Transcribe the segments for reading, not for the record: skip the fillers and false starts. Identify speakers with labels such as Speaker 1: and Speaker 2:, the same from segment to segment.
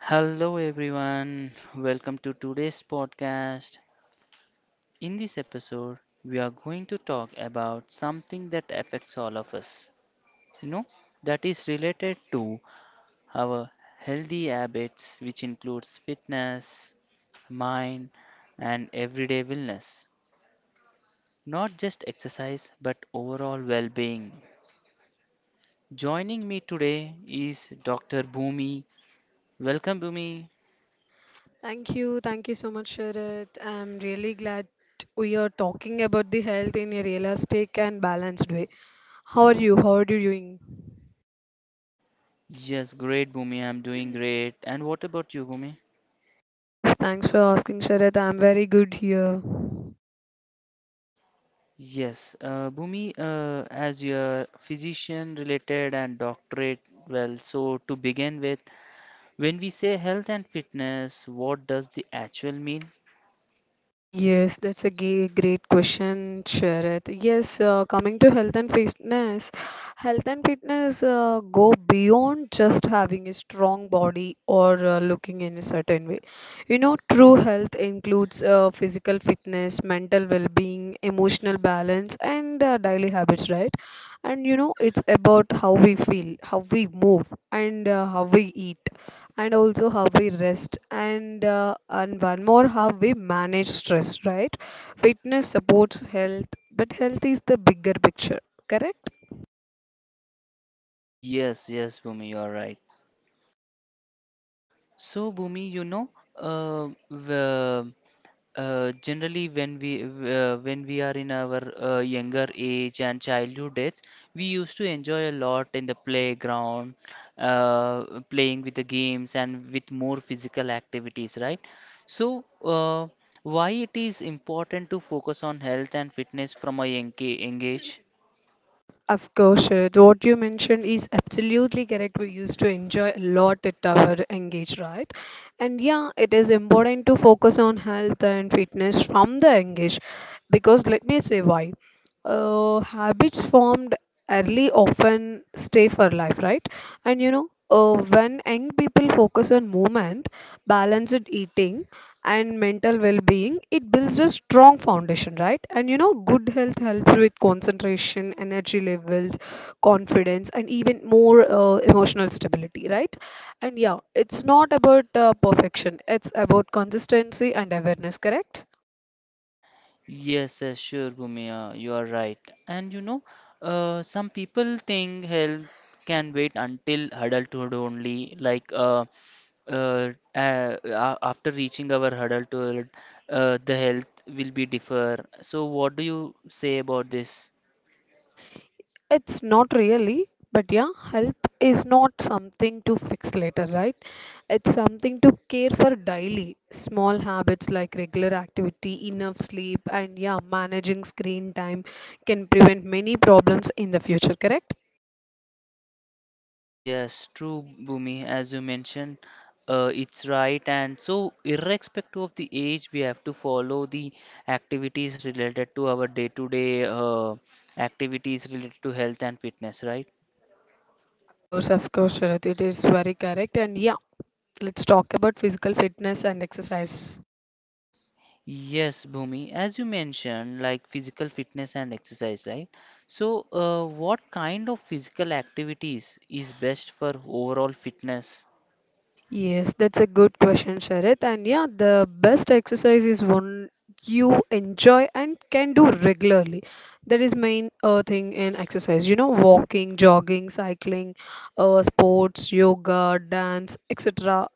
Speaker 1: Hello everyone, welcome to today's podcast. In this episode, we are going to talk about something that affects all of us, you know, that is related to our healthy habits, which includes fitness, mind, and everyday wellness. Not just exercise, but overall well being. Joining me today is Dr. Bhumi. Welcome, Bhumi.
Speaker 2: Thank you. Thank you so much, Sharat. I'm really glad we are talking about the health in a realistic and balanced way. How are you? How are you doing?
Speaker 1: Yes, great, Bhumi. I'm doing great. And what about you, Bhumi?
Speaker 2: Yes, thanks for asking, Sharat. I'm very good here.
Speaker 1: Yes, Bhumi, as your physician related and doctorate, well, so to begin with, when we say health and fitness, what does the actual mean?
Speaker 2: Yes, that's a great question, Sharath. Yes, coming to health and fitness go beyond just having a strong body or looking in a certain way. You know, true health includes physical fitness, mental well-being, emotional balance, and daily habits, right? And you know, it's about how we feel, how we move, and how we eat and also how we rest and one more, how we manage stress, right? Fitness supports health, but health is the bigger picture, correct?
Speaker 1: Yes, yes, Bhumi, you are right. So, Bhumi, you know, the generally, when we are in our younger age and childhood days, we used to enjoy a lot in the playground, uh, playing with the games and with more physical activities, right? So, why it is important to focus on health and fitness from a young age?
Speaker 2: Of course, Sharad, what you mentioned is absolutely correct. We used to enjoy a lot at our engage, right? And yeah, it is important to focus on health and fitness from the engage, because let me say why. Habits formed early often stay for life, right? And you know, when young people focus on movement, balanced eating, and mental well-being, it builds a strong foundation, right? And you know, good health helps with concentration, energy levels, confidence, and even more emotional stability, right? And yeah, it's not about perfection; it's about consistency and awareness, correct?
Speaker 1: Yes, yes, sure, Bhumia, you are right. And some people think health can wait until adulthood only, like after reaching our adulthood, the health will be differ. So, what do you say about this?
Speaker 2: It's not really, but yeah, health is not something to fix later, right? It's something to care for daily. Small habits like regular activity, enough sleep, and yeah, managing screen time can prevent many problems in the future, correct?
Speaker 1: Yes, true, Bhumi, as you mentioned, it's right. And so, irrespective of the age, we have to follow the activities related to our day-to-day activities related to health and fitness, right?
Speaker 2: Of course, Sharath, it is very correct. And yeah, let's talk about physical fitness and exercise.
Speaker 1: Yes, Bhumi, as you mentioned, like physical fitness and exercise, right? So, what kind of physical activities is best for overall fitness?
Speaker 2: Yes, that's a good question, Sharit. And yeah, the best exercise is one you enjoy and can do regularly. That is main thing in exercise. You know, walking, jogging, cycling, sports, yoga, dance, etc.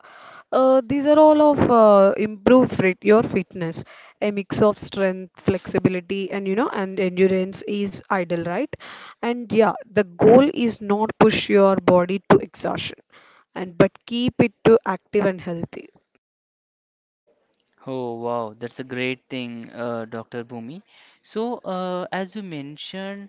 Speaker 2: These are all of improve fit your fitness. A mix of strength, flexibility, and you know, and endurance is ideal, right? And yeah, the goal is not push your body to exhaustion and but keep it to active and healthy.
Speaker 1: Oh wow, that's a great thing, Dr. Bhumi. So, as you mentioned,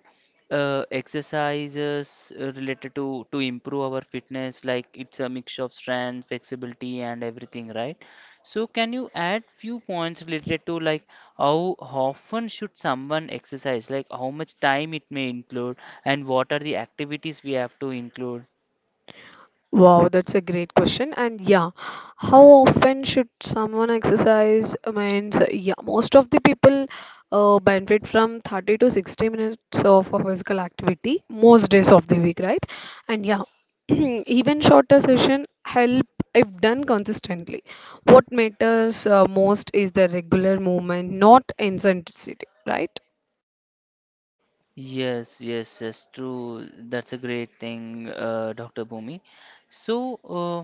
Speaker 1: exercises related to improve our fitness, like it's a mix of strength, flexibility, and everything, right? So, can you add few points related to like how often should someone exercise, like how much time it may include, and what are the activities we have to include?
Speaker 2: Wow, that's a great question. And yeah, how often should someone exercise? I mean, so yeah, most of the people benefit from 30 to 60 minutes of a physical activity most days of the week, right? And yeah, even shorter session help if done consistently. What matters most is the regular movement, not intensity, right?
Speaker 1: Yes, yes, yes, true. That's a great thing, Dr. Bhumi. So, uh,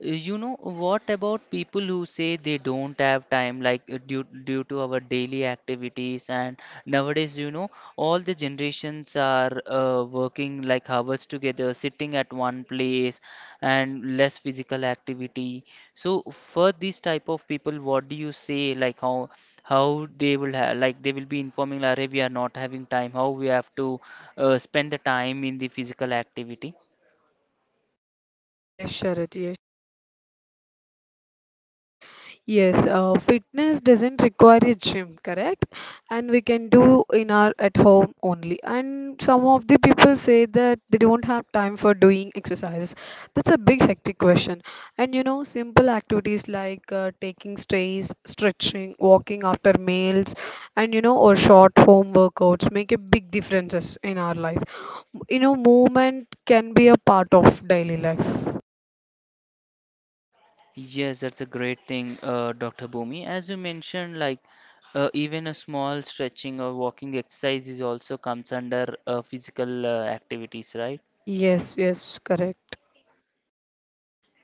Speaker 1: you know, what about people who say they don't have time, like due to our daily activities and nowadays, all the generations are working like hours together, sitting at one place, and less physical activity. So, for these type of people, what do you say? Like how they will have like they will be informing like, "Arey, we are not having time how we have to spend the time in the physical activity.
Speaker 2: Yes, Sharad, yes. Yes, fitness doesn't require a gym, correct? And we can do in our at home only. And some of the people say that they don't have time for doing exercises. That's a big hectic question. And you know, simple activities like taking stays, stretching, walking after meals, and you know, or short home workouts make a big differences in our life. You know, movement can be a part of daily life.
Speaker 1: Yes, that's a great thing, Dr. Bhumi, as you mentioned, like even a small stretching or walking exercise is also comes under physical activities, right?
Speaker 2: Yes, yes, correct.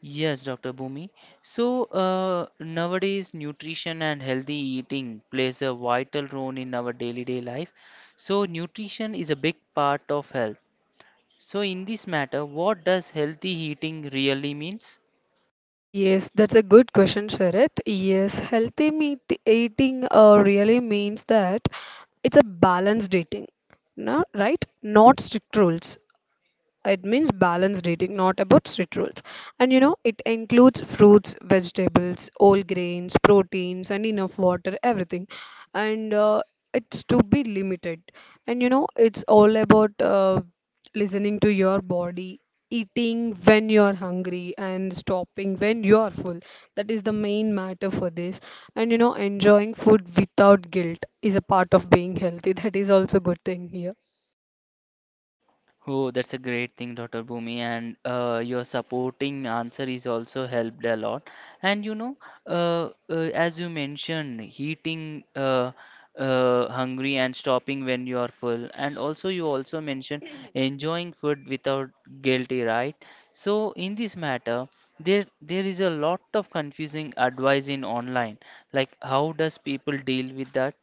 Speaker 1: Yes, Dr. Bhumi. So, nowadays, nutrition and healthy eating plays a vital role in our daily day life. So, nutrition is a big part of health. So in this matter, what does healthy eating really means?
Speaker 2: Yes, that's a good question, Sharath. Yes, healthy meat eating really means that it's a balanced eating, no, right? Not strict rules. It means balanced eating, not about strict rules. And you know, it includes fruits, vegetables, whole grains, proteins, and enough water, everything. And It's to be limited. And you know, it's all about listening to your body, eating when you're hungry, and stopping when you're full. That is the main matter for this. And you know, enjoying food without guilt is a part of being healthy. That is also good thing here.
Speaker 1: Oh, that's a great thing, Dr. Bhumi, and your supporting answer is also helped a lot. And as you mentioned, eating hungry and stopping when you are full, and also you also mentioned enjoying food without guilty, right? So in this matter, there is a lot of confusing advice in online. Like, how does people deal with that?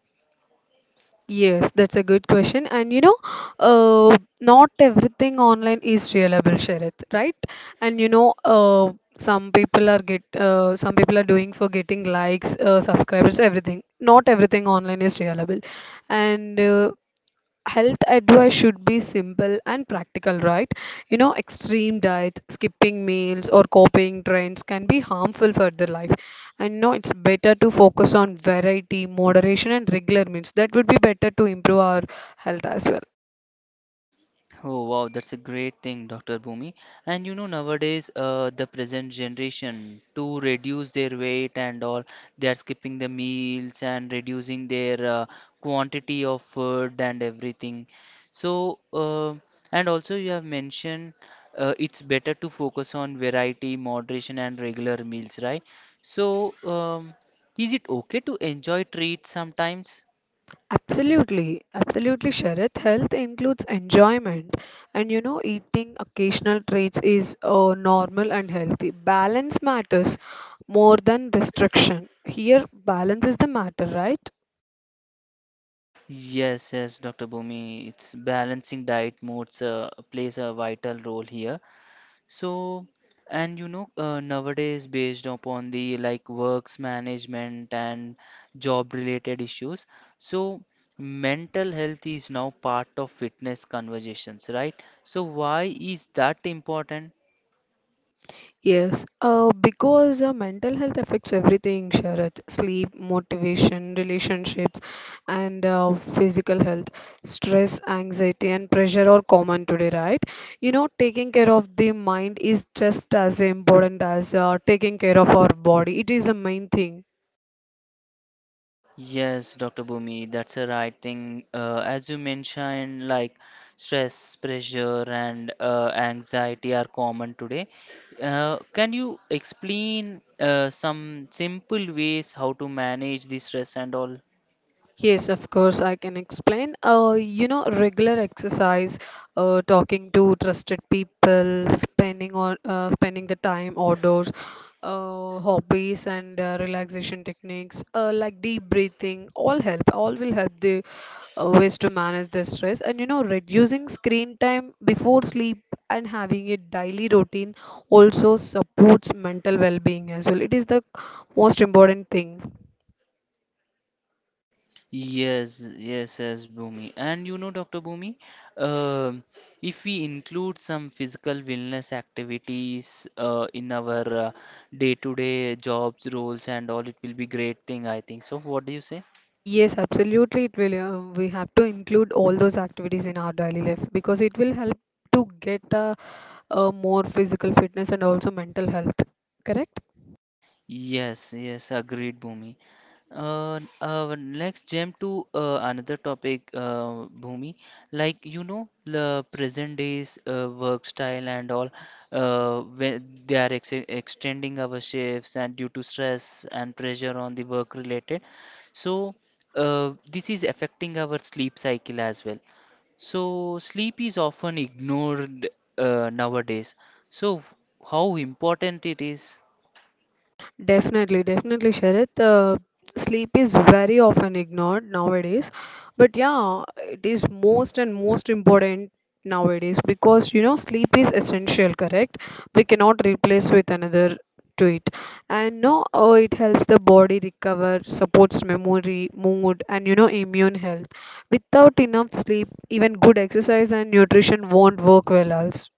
Speaker 2: Yes, that's a good question. And you know, uh, not everything online is reliable, Shareth, right? And you know, some people are doing for getting likes, subscribers, everything. Not everything online is reliable. And Health advice should be simple and practical, right? You know, extreme diets, skipping meals, or copying trends can be harmful for their life. And no, it's better to focus on variety, moderation, and regular meals. That would be better to improve our health as well.
Speaker 1: Oh wow, that's a great thing, Dr. Bhumi. And nowadays, the present generation to reduce their weight and all, they are skipping the meals and reducing their quantity of food and everything. So, and also you have mentioned it's better to focus on variety, moderation, and regular meals, right? So, is it okay to enjoy treats sometimes?
Speaker 2: Absolutely, absolutely, Sharath. Health includes enjoyment, and you know, eating occasional treats is normal and healthy. Balance matters more than restriction. Here, balance is the matter, right?
Speaker 1: Yes, yes, Dr. Bhumi, it's balancing diet modes plays a vital role here. So, and nowadays, based upon the like works management and job related issues, so mental health is now part of fitness conversations, right? So, why is that important?
Speaker 2: Yes, because mental health affects everything, Sharath. Sleep, motivation, relationships, and physical health. Stress, anxiety, and pressure are common today, right? You know, taking care of the mind is just as important as taking care of our body. It is the main thing.
Speaker 1: Yes, Dr. Bhumi, that's a right thing. As you mentioned, like stress, pressure, and anxiety are common today. Can you explain some simple ways how to manage the stress and all?
Speaker 2: Yes, of course, I can explain. You know, regular exercise, talking to trusted people, spending on spending the time outdoors, hobbies and relaxation techniques, like deep breathing, all help. All will help the ways to manage the stress. And you know, reducing screen time before sleep and having a daily routine also supports mental well-being as well. It is the most important thing.
Speaker 1: Yes, yes, yes, Bhumi. And Dr. Bhumi, um if we include some physical wellness activities in our day-to-day jobs, roles, and all, it will be great thing, I think. So, what do you say?
Speaker 2: Yes, absolutely. It will. We have to include all those activities in our daily life because it will help to a more physical fitness and also mental health. Correct?
Speaker 1: Yes, yes, agreed, Bhumi. Let's jump to another topic, Bhumi. Like the present days work style and all, when they are ex extending our shifts and due to stress and pressure on the work related. So, this is affecting our sleep cycle as well. So, sleep is often ignored nowadays. So, how important it is?
Speaker 2: Definitely, definitely, Sharath. Sleep is very often ignored nowadays, but yeah, it is most and most important nowadays, because you know sleep is essential, correct? We cannot replace with another to it, and no, oh, it helps the body recover, supports memory, mood, and you know immune health. Without enough sleep, even good exercise and nutrition won't work well, also.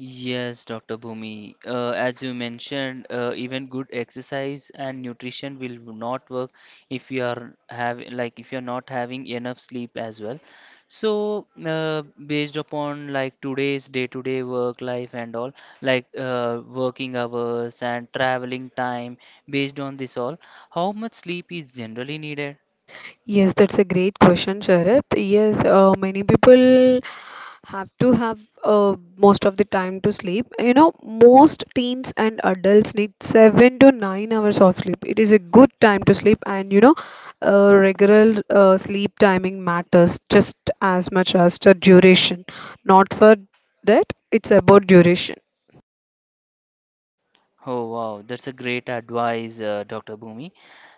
Speaker 1: Yes, Dr. Bhumi. As you mentioned, even good exercise and nutrition will not work if you are have like if you're not having enough sleep as well. So, based upon like today's day-to-day work life and all, like working hours and traveling time, based on this all, how much sleep is generally needed?
Speaker 2: Yes, that's a great question, Sharath. Yes, many people have to have most of the time to sleep. You know, most teens and adults need 7 to 9 hours of sleep. It is a good time to sleep, and you know, regular sleep timing matters just as much as the duration. Not for that, it's about duration.
Speaker 1: Oh wow, that's a great advice, Dr. Bhumi.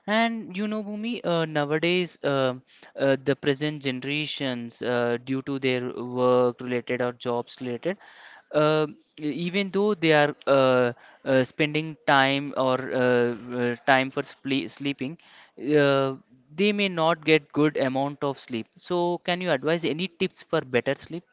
Speaker 1: And Bhumi, nowadays the present generations, due to their work related or jobs related, uh, even though they are spending time or time for sple sleeping, uh, they may not get good amount of sleep. So, can you advise any tips for better sleep?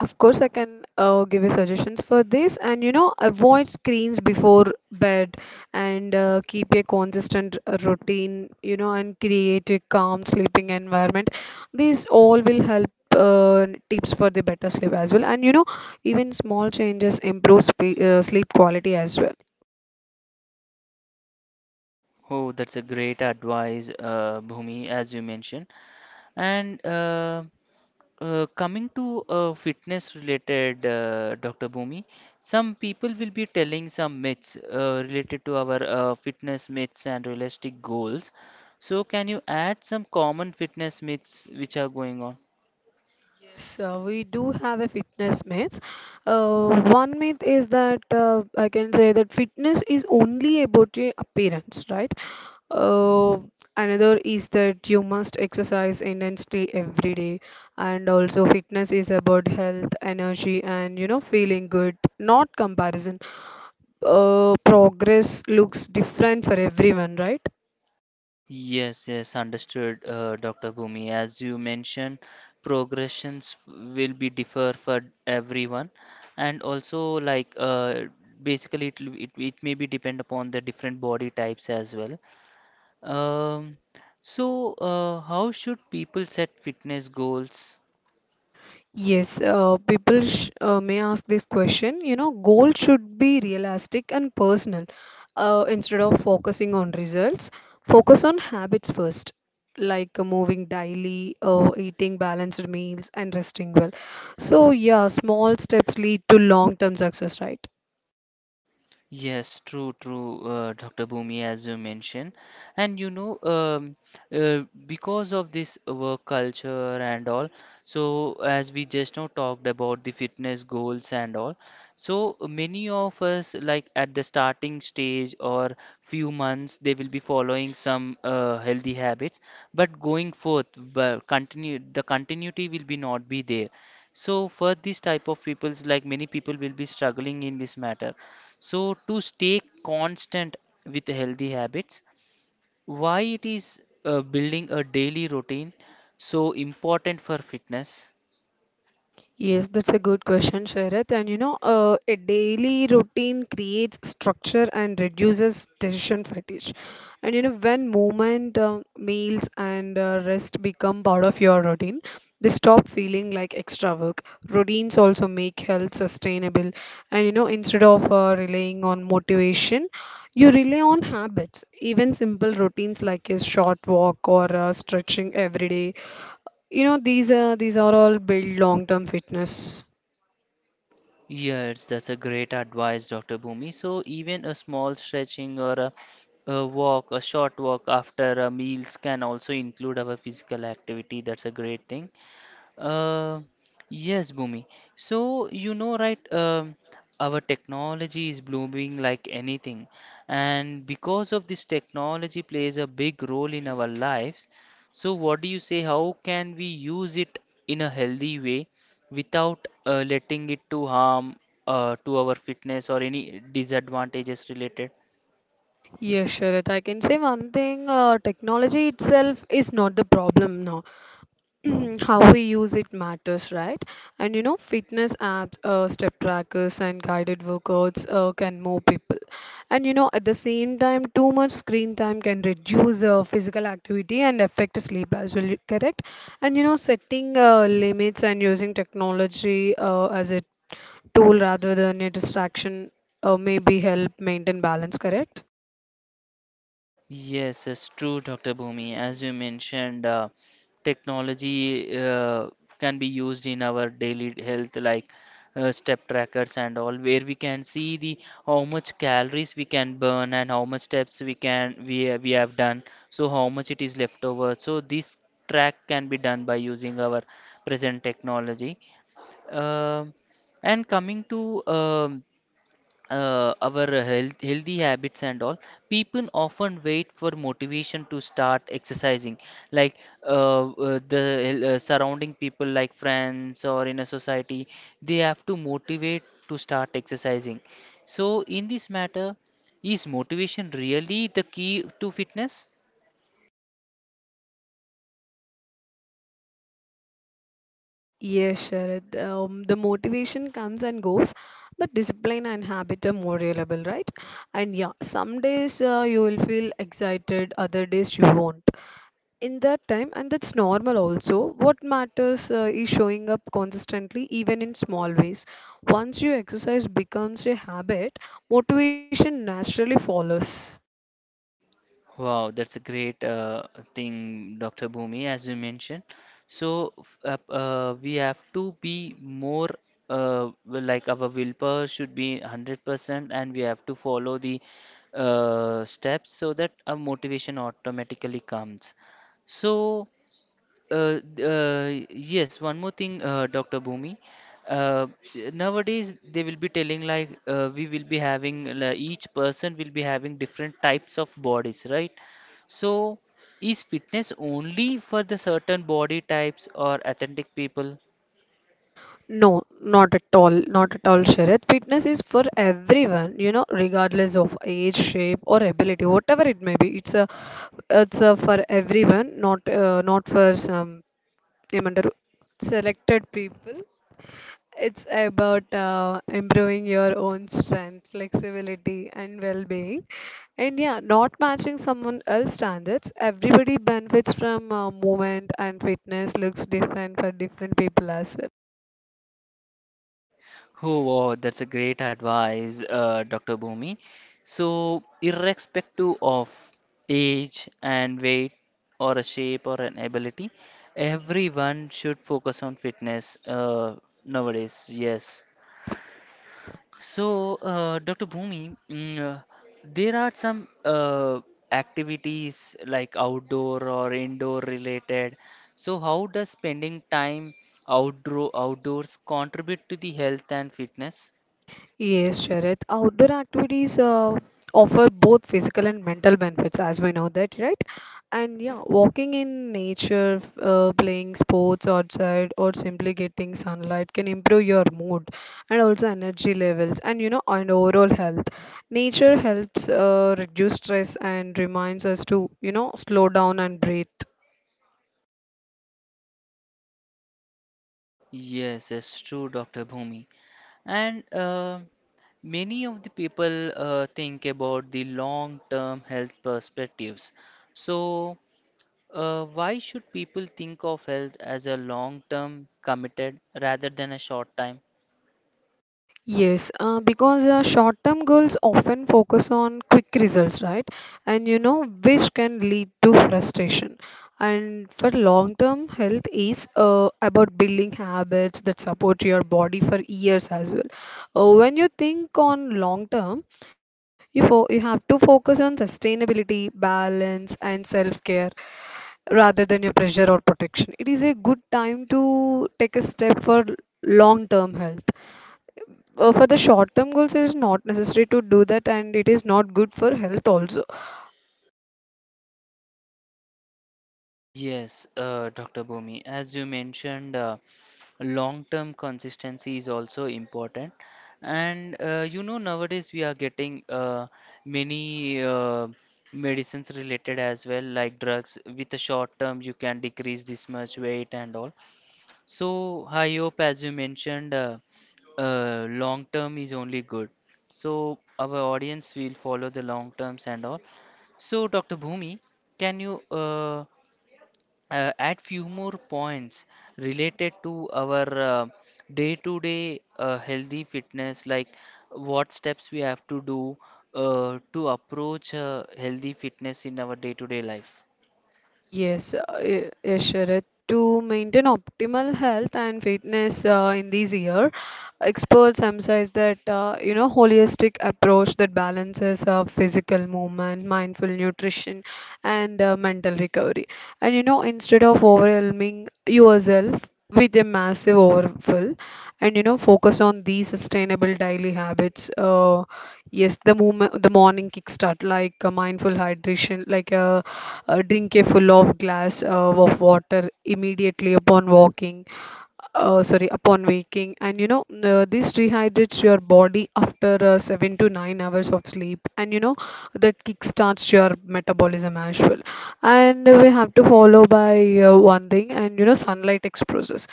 Speaker 2: Of course, I can give you suggestions for this, and you know, avoid screens before bed and keep a consistent routine, you know, and create a calm sleeping environment. These all will help tips for the better sleep as well. And you know, even small changes improve sleep quality as well.
Speaker 1: Oh, that's a great advice, Bhumi, as you mentioned. And coming to fitness related, Dr. Bhumi, some people will be telling some myths related to our fitness myths and realistic goals. So, can you add some common fitness myths which are going on?
Speaker 2: Yes, we do have a fitness myth. One myth is that I can say that fitness is only about your appearance, right? Uh, Another is that you must exercise intensely every day, and also fitness is about health, energy, and you know feeling good, not comparison. Progress looks different for everyone, right?
Speaker 1: Yes, yes, understood, Dr. Bhumi. As you mentioned, progressions will be differ for everyone, and also like uh, basically it may be depend upon the different body types as well. Um, so how should people set fitness goals?
Speaker 2: Yes, people sh may ask this question. You know, goal should be realistic and personal. Instead of focusing on results, focus on habits first, like moving daily, eating balanced meals, and resting well. So, yeah, small steps lead to long-term success, right?
Speaker 1: Yes, true, true, Dr. Bhumi, as you mentioned. And because of this work culture and all, so as we just now talked about the fitness goals and all, so many of us, like at the starting stage or few months, they will be following some healthy habits, but going forth, but continue, the continuity will be not be there. So for this type of peoples, like many people will be struggling in this matter. So to stay constant with healthy habits, why it is building a daily routine so important for fitness?
Speaker 2: Yes, that's a good question, Sharath. And you know, a daily routine creates structure and reduces decision fatigue. And you know, when movement, meals, and rest become part of your routine, they stop feeling like extra work. Routines also make health sustainable. And you know, instead of relying on motivation, you rely on habits. Even simple routines like a short walk or stretching every day, you know, these are all build long-term fitness.
Speaker 1: Yes, that's a great advice, Dr. Bhumi. So even a small stretching or a walk, a short walk after a meals can also include our physical activity. That's a great thing. Uh, yes, Bhumi. So, our technology is blooming like anything. And because of this technology plays a big role in our lives. So, what do you say? How can we use it in a healthy way without letting it to harm to our fitness or any disadvantages related?
Speaker 2: Yes, Sharat, I can say one thing, technology itself is not the problem now. How we use it matters, right? And you know, fitness apps, step trackers, and guided workouts can move people. And you know, at the same time, too much screen time can reduce physical activity and affect sleep as well, correct? And you know, setting limits and using technology as a tool rather than a distraction maybe help maintain balance, correct?
Speaker 1: Yes, it's true, Dr. Bhumi. As you mentioned, technology can be used in our daily health, like step trackers and all, where we can see the how much calories we can burn and how much steps we can we ha- we have done, so how much it is left over. So this track can be done by using our present technology. Um and coming to um our health, healthy habits and all, people often wait for motivation to start exercising. Like the surrounding people, like friends or in a society, they have to motivate to start exercising. So, in this matter, is motivation really the key to fitness?
Speaker 2: Yes, Sharad. The motivation comes and goes, but discipline and habit are more reliable, right? And yeah, some days you will feel excited, other days you won't. In that time, and that's normal also, what matters is showing up consistently, even in small ways. Once your exercise becomes a habit, motivation naturally follows.
Speaker 1: Wow, that's a great thing, Dr. Bhumi, as you mentioned. We have to be more like our willpower should be 100% and we have to follow the steps so that our motivation automatically comes. So yes, one more thing, Dr. Bhumi. Uh, Nowadays, they will be telling like we will be having like, each person will be having different types of bodies, right? So, is fitness only for the certain body types or authentic people?
Speaker 2: No, not at all, not at all, Sharat. Fitness is for everyone, you know, regardless of age, shape, or ability, whatever it may be. It's a for everyone, not for some, ఏమంటారు, selected people. It's about improving your own strength, flexibility, and well-being. And yeah, not matching someone else's standards. Everybody benefits from movement and fitness looks different for different people as well.
Speaker 1: Oh, wow, that's a great advice, Dr. Bhumi. So, irrespective of age and weight, or a shape or an ability, everyone should focus on fitness nowadays. Yes. So, Dr. Bhumi, there are some activities like outdoor or indoor related. So, how does spending time outdoors contribute to the health and fitness?
Speaker 2: Yes, Sharath. Outdoor activities offer both physical and mental benefits, as we know that, right? And yeah, walking in nature, playing sports outside, or simply getting sunlight can improve your mood and also energy levels and you know, and overall health. Nature helps reduce stress and reminds us to, you know, slow down and breathe.
Speaker 1: Yes, that's true, Dr. Bhumi. And many of the people think about the long-term health perspectives. So, why should people think of health as a long-term committed rather than a short time?
Speaker 2: Yes, because short-term goals often focus on quick results, right? Which can lead to frustration. And for long-term health is about building habits that support your body for years as well. When you think on long-term, you have to focus on sustainability, balance, and self-care rather than your pressure or protection. It is a good time to take a step for long-term health. For the short term goals it is not necessary to do that, and it is not good for health also.
Speaker 1: Yes, Dr. Bhumi, as you mentioned, long-term consistency is also important. And nowadays we are getting many medicines related as well, like drugs. With a short term, you can decrease this much weight and all. So, I hope, as you mentioned, long term is only good. So our audience will follow the long terms and all. So Dr. Bhumi, can you add few more points related to our day-to-day healthy fitness, like what steps we have to do to approach healthy fitness in our day-to-day life.
Speaker 2: Yes, Sharat. To maintain optimal health and fitness in this year, experts emphasize that holistic approach that balances physical movement, mindful nutrition, and mental recovery. Instead of overwhelming yourself with a massive overfill, focus on these sustainable daily habits. Yes, the movement, the morning kickstart, like mindful hydration, like a drink a full of glass of water immediately upon walking, sorry, upon waking. And you know uh, this rehydrates your body after 7 to 9 hours of sleep, and that kickstarts your metabolism as well, and we have to follow by one thing. And you know Sunlight exposures,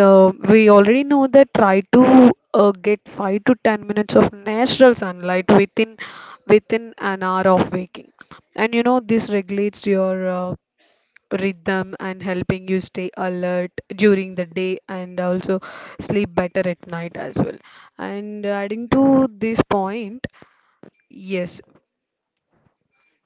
Speaker 2: we already know that. Try to get 5 to 10 minutes of natural sunlight within an hour of waking. This regulates your rhythm and helping you stay alert during the day and also sleep better at night as well. And adding to this point, yes,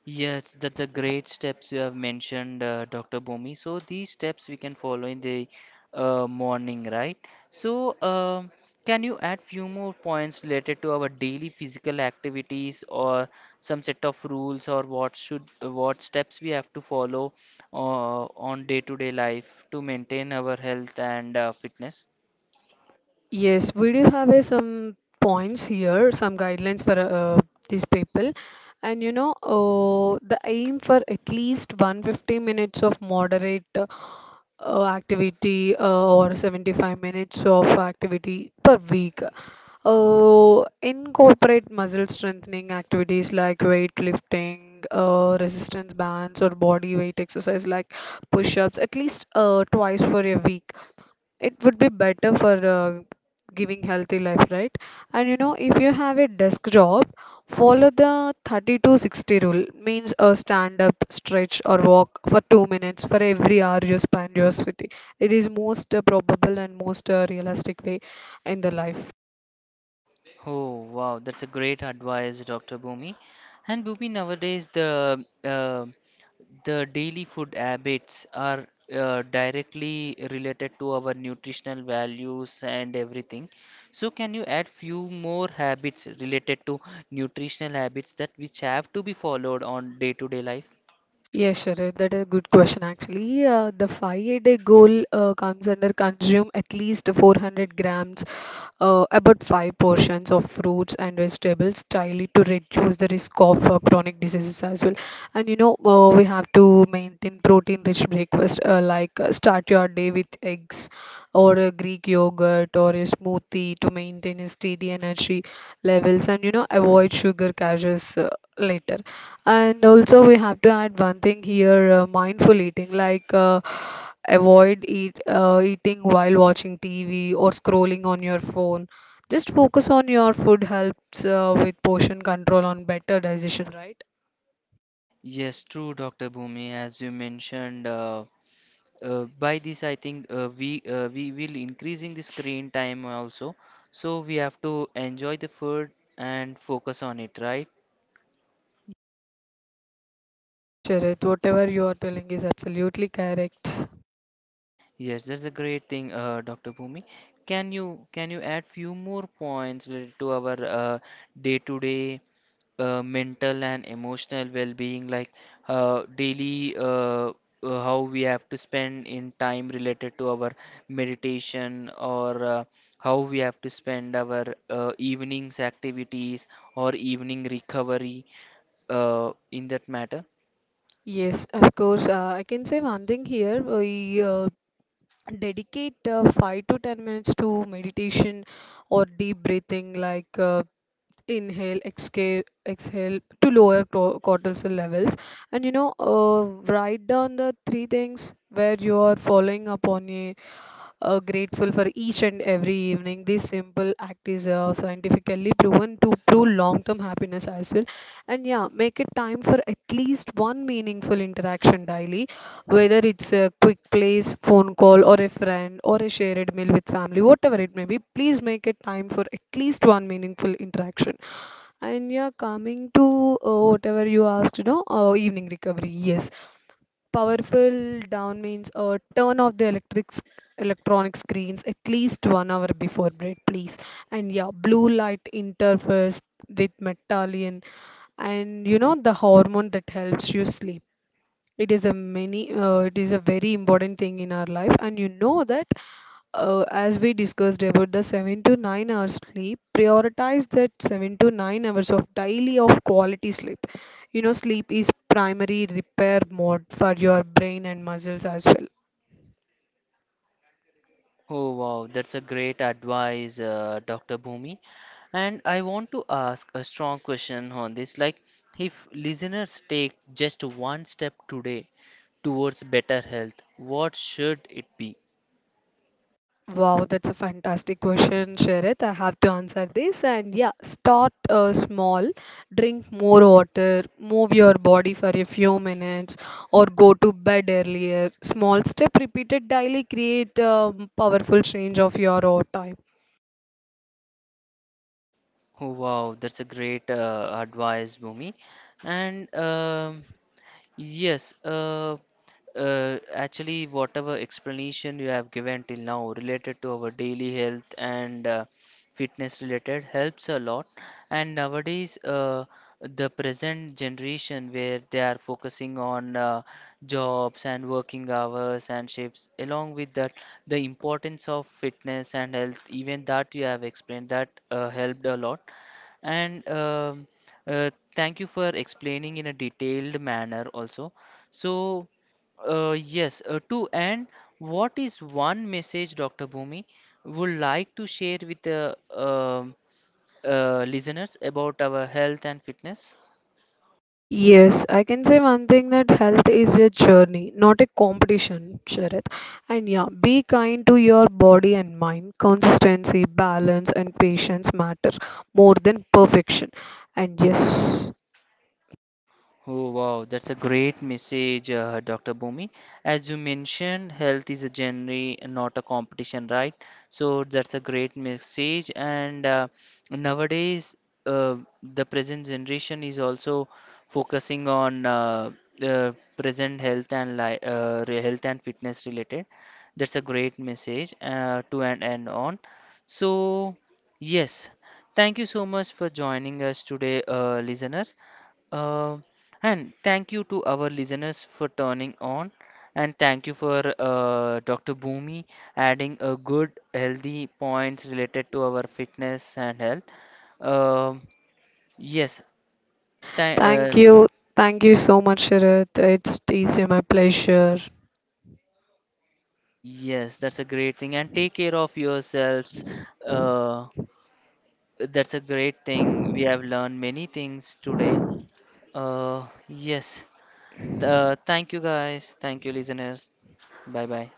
Speaker 1: Yes, that the great steps you have mentioned, Dr. Bhumi. So these steps we can follow in the morning, right? So um, can you add few more points related to our daily physical activities or some set of rules or what should what steps we have to follow on day-to-day life to maintain our health and fitness?
Speaker 2: yes, we do have some points here, some guidelines for these people. The aim for at least 150 minutes of moderate activity or 75 minutes of activity per week. Incorporate muscle strengthening activities like weightlifting, resistance bands, or body weight exercise like push ups at least twice for a week. It would be better for giving healthy life, right? And you know if you have a desk job, follow the 30 to 60 rule, means a stand up, stretch, or walk for 2 minutes for every hour you spend your city. It is most probable and most realistic way in the life.
Speaker 1: Oh, wow, that's a great advice, Dr. Bhumi. And Bhumi, nowadays the daily food habits are directly related to our nutritional values and everything. So, can you add few more habits related to nutritional habits that which have to be followed on day-to-day life?
Speaker 2: Yes, Sharif, that is a good question actually. The five-a-day goal comes under consume at least 400 grams, about five portions of fruits and vegetables daily to reduce the risk of chronic diseases as well. We have to maintain protein-rich breakfast like start your day with eggs or a Greek yogurt or a smoothie to maintain a steady energy levels, and avoid sugar caches later. And also, we have to add one thing here, mindful eating, like avoid eating while watching TV or scrolling on your phone. Just focus on your food helps with portion control on better digestion, right?
Speaker 1: Yes, true, Dr. Bhumi. As you mentioned, by this I think we will increasing the screen time also, so we have to enjoy the food and focus on it, right?
Speaker 2: Yes, Sharad, whatever you are telling is absolutely correct.
Speaker 1: Yes, that's a great thing, Dr. Bhumi. Can you add few more points related to our day to day mental and emotional well-being, like daily how we have to spend in time related to our meditation, or how we have to spend our evenings activities or evening recovery in that matter.
Speaker 2: Yes, of course. I can say one thing here. We dedicate 5 to 10 minutes to meditation or deep breathing, like inhale, exhale, exhale to lower cortisol levels. And you know, uh, write down the three things where you are following up on a grateful for each and every evening. This simple act is scientifically proven to prove long-term happiness as well. And yeah, make it time for at least one meaningful interaction daily, whether it's a quick place, phone call, or a friend, or a shared meal with family, whatever it may be. Please make it time for at least one meaningful interaction. And yeah, coming to whatever you asked, evening recovery. Yes. Powerful down means turn off the electronic screens at least 1 hour before bed, please. And yeah, blue light interferes with melatonin, and you know the hormone that helps you sleep. It is a many it is a very important thing in our life. And you know that uh, as we discussed about the 7 to 9 hours sleep, prioritize that 7 to 9 hours of daily of quality sleep. Sleep is primary repair mode for your brain and muscles as well.
Speaker 1: Oh wow, that's a great advice, Dr. Bhumi. And I want to ask a strong question on this. Like, if listeners take just one step today towards better health, what should it be?
Speaker 2: Wow, that's a fantastic question, Sharad. I have to answer this. And yeah, start small, drink more water, move your body for a few minutes, or go to bed earlier. Small step repeated daily create a powerful change of your own time.
Speaker 1: Oh wow, that's a great advice, Bhumi. And um Yes, uh, Actually, whatever explanation you have given till now related to our daily health and fitness related helps a lot. And nowadays, the present generation where they are focusing on jobs and working hours and shifts, along with that, the importance of fitness and health, even that you have explained, that helped a lot. And uh, Thank you for explaining in a detailed manner also. So, yes, to end, what is one message Dr. Bhumi would like to share with the listeners about our health and fitness?
Speaker 2: Yes, I can say one thing that health is a journey, not a competition, Sharath. And yeah, be kind to your body and mind. Consistency, balance, and patience matter more than perfection. And yes,
Speaker 1: Oh, wow, that's a great message, Dr. Bhumi. As you mentioned, health is a journey, not a competition, right? So that's a great message. And nowadays, uh, the present generation is also focusing on the present health and health and fitness related. That's a great message to and end on. So yes, thank you so much for joining us today, listeners. Uh, and thank you to our listeners for turning on, and thank you for Dr. Bhumi adding a good, healthy points related to our fitness and health. Um yes, tha-
Speaker 2: thank
Speaker 1: uh,
Speaker 2: you. Thank you so much, Sharath. It's my pleasure.
Speaker 1: yes, that's a great thing. And take care of yourselves. Uh, that's a great thing. We have learned many things today. Uh, yes. Thank you guys. Thank you listeners. Bye bye.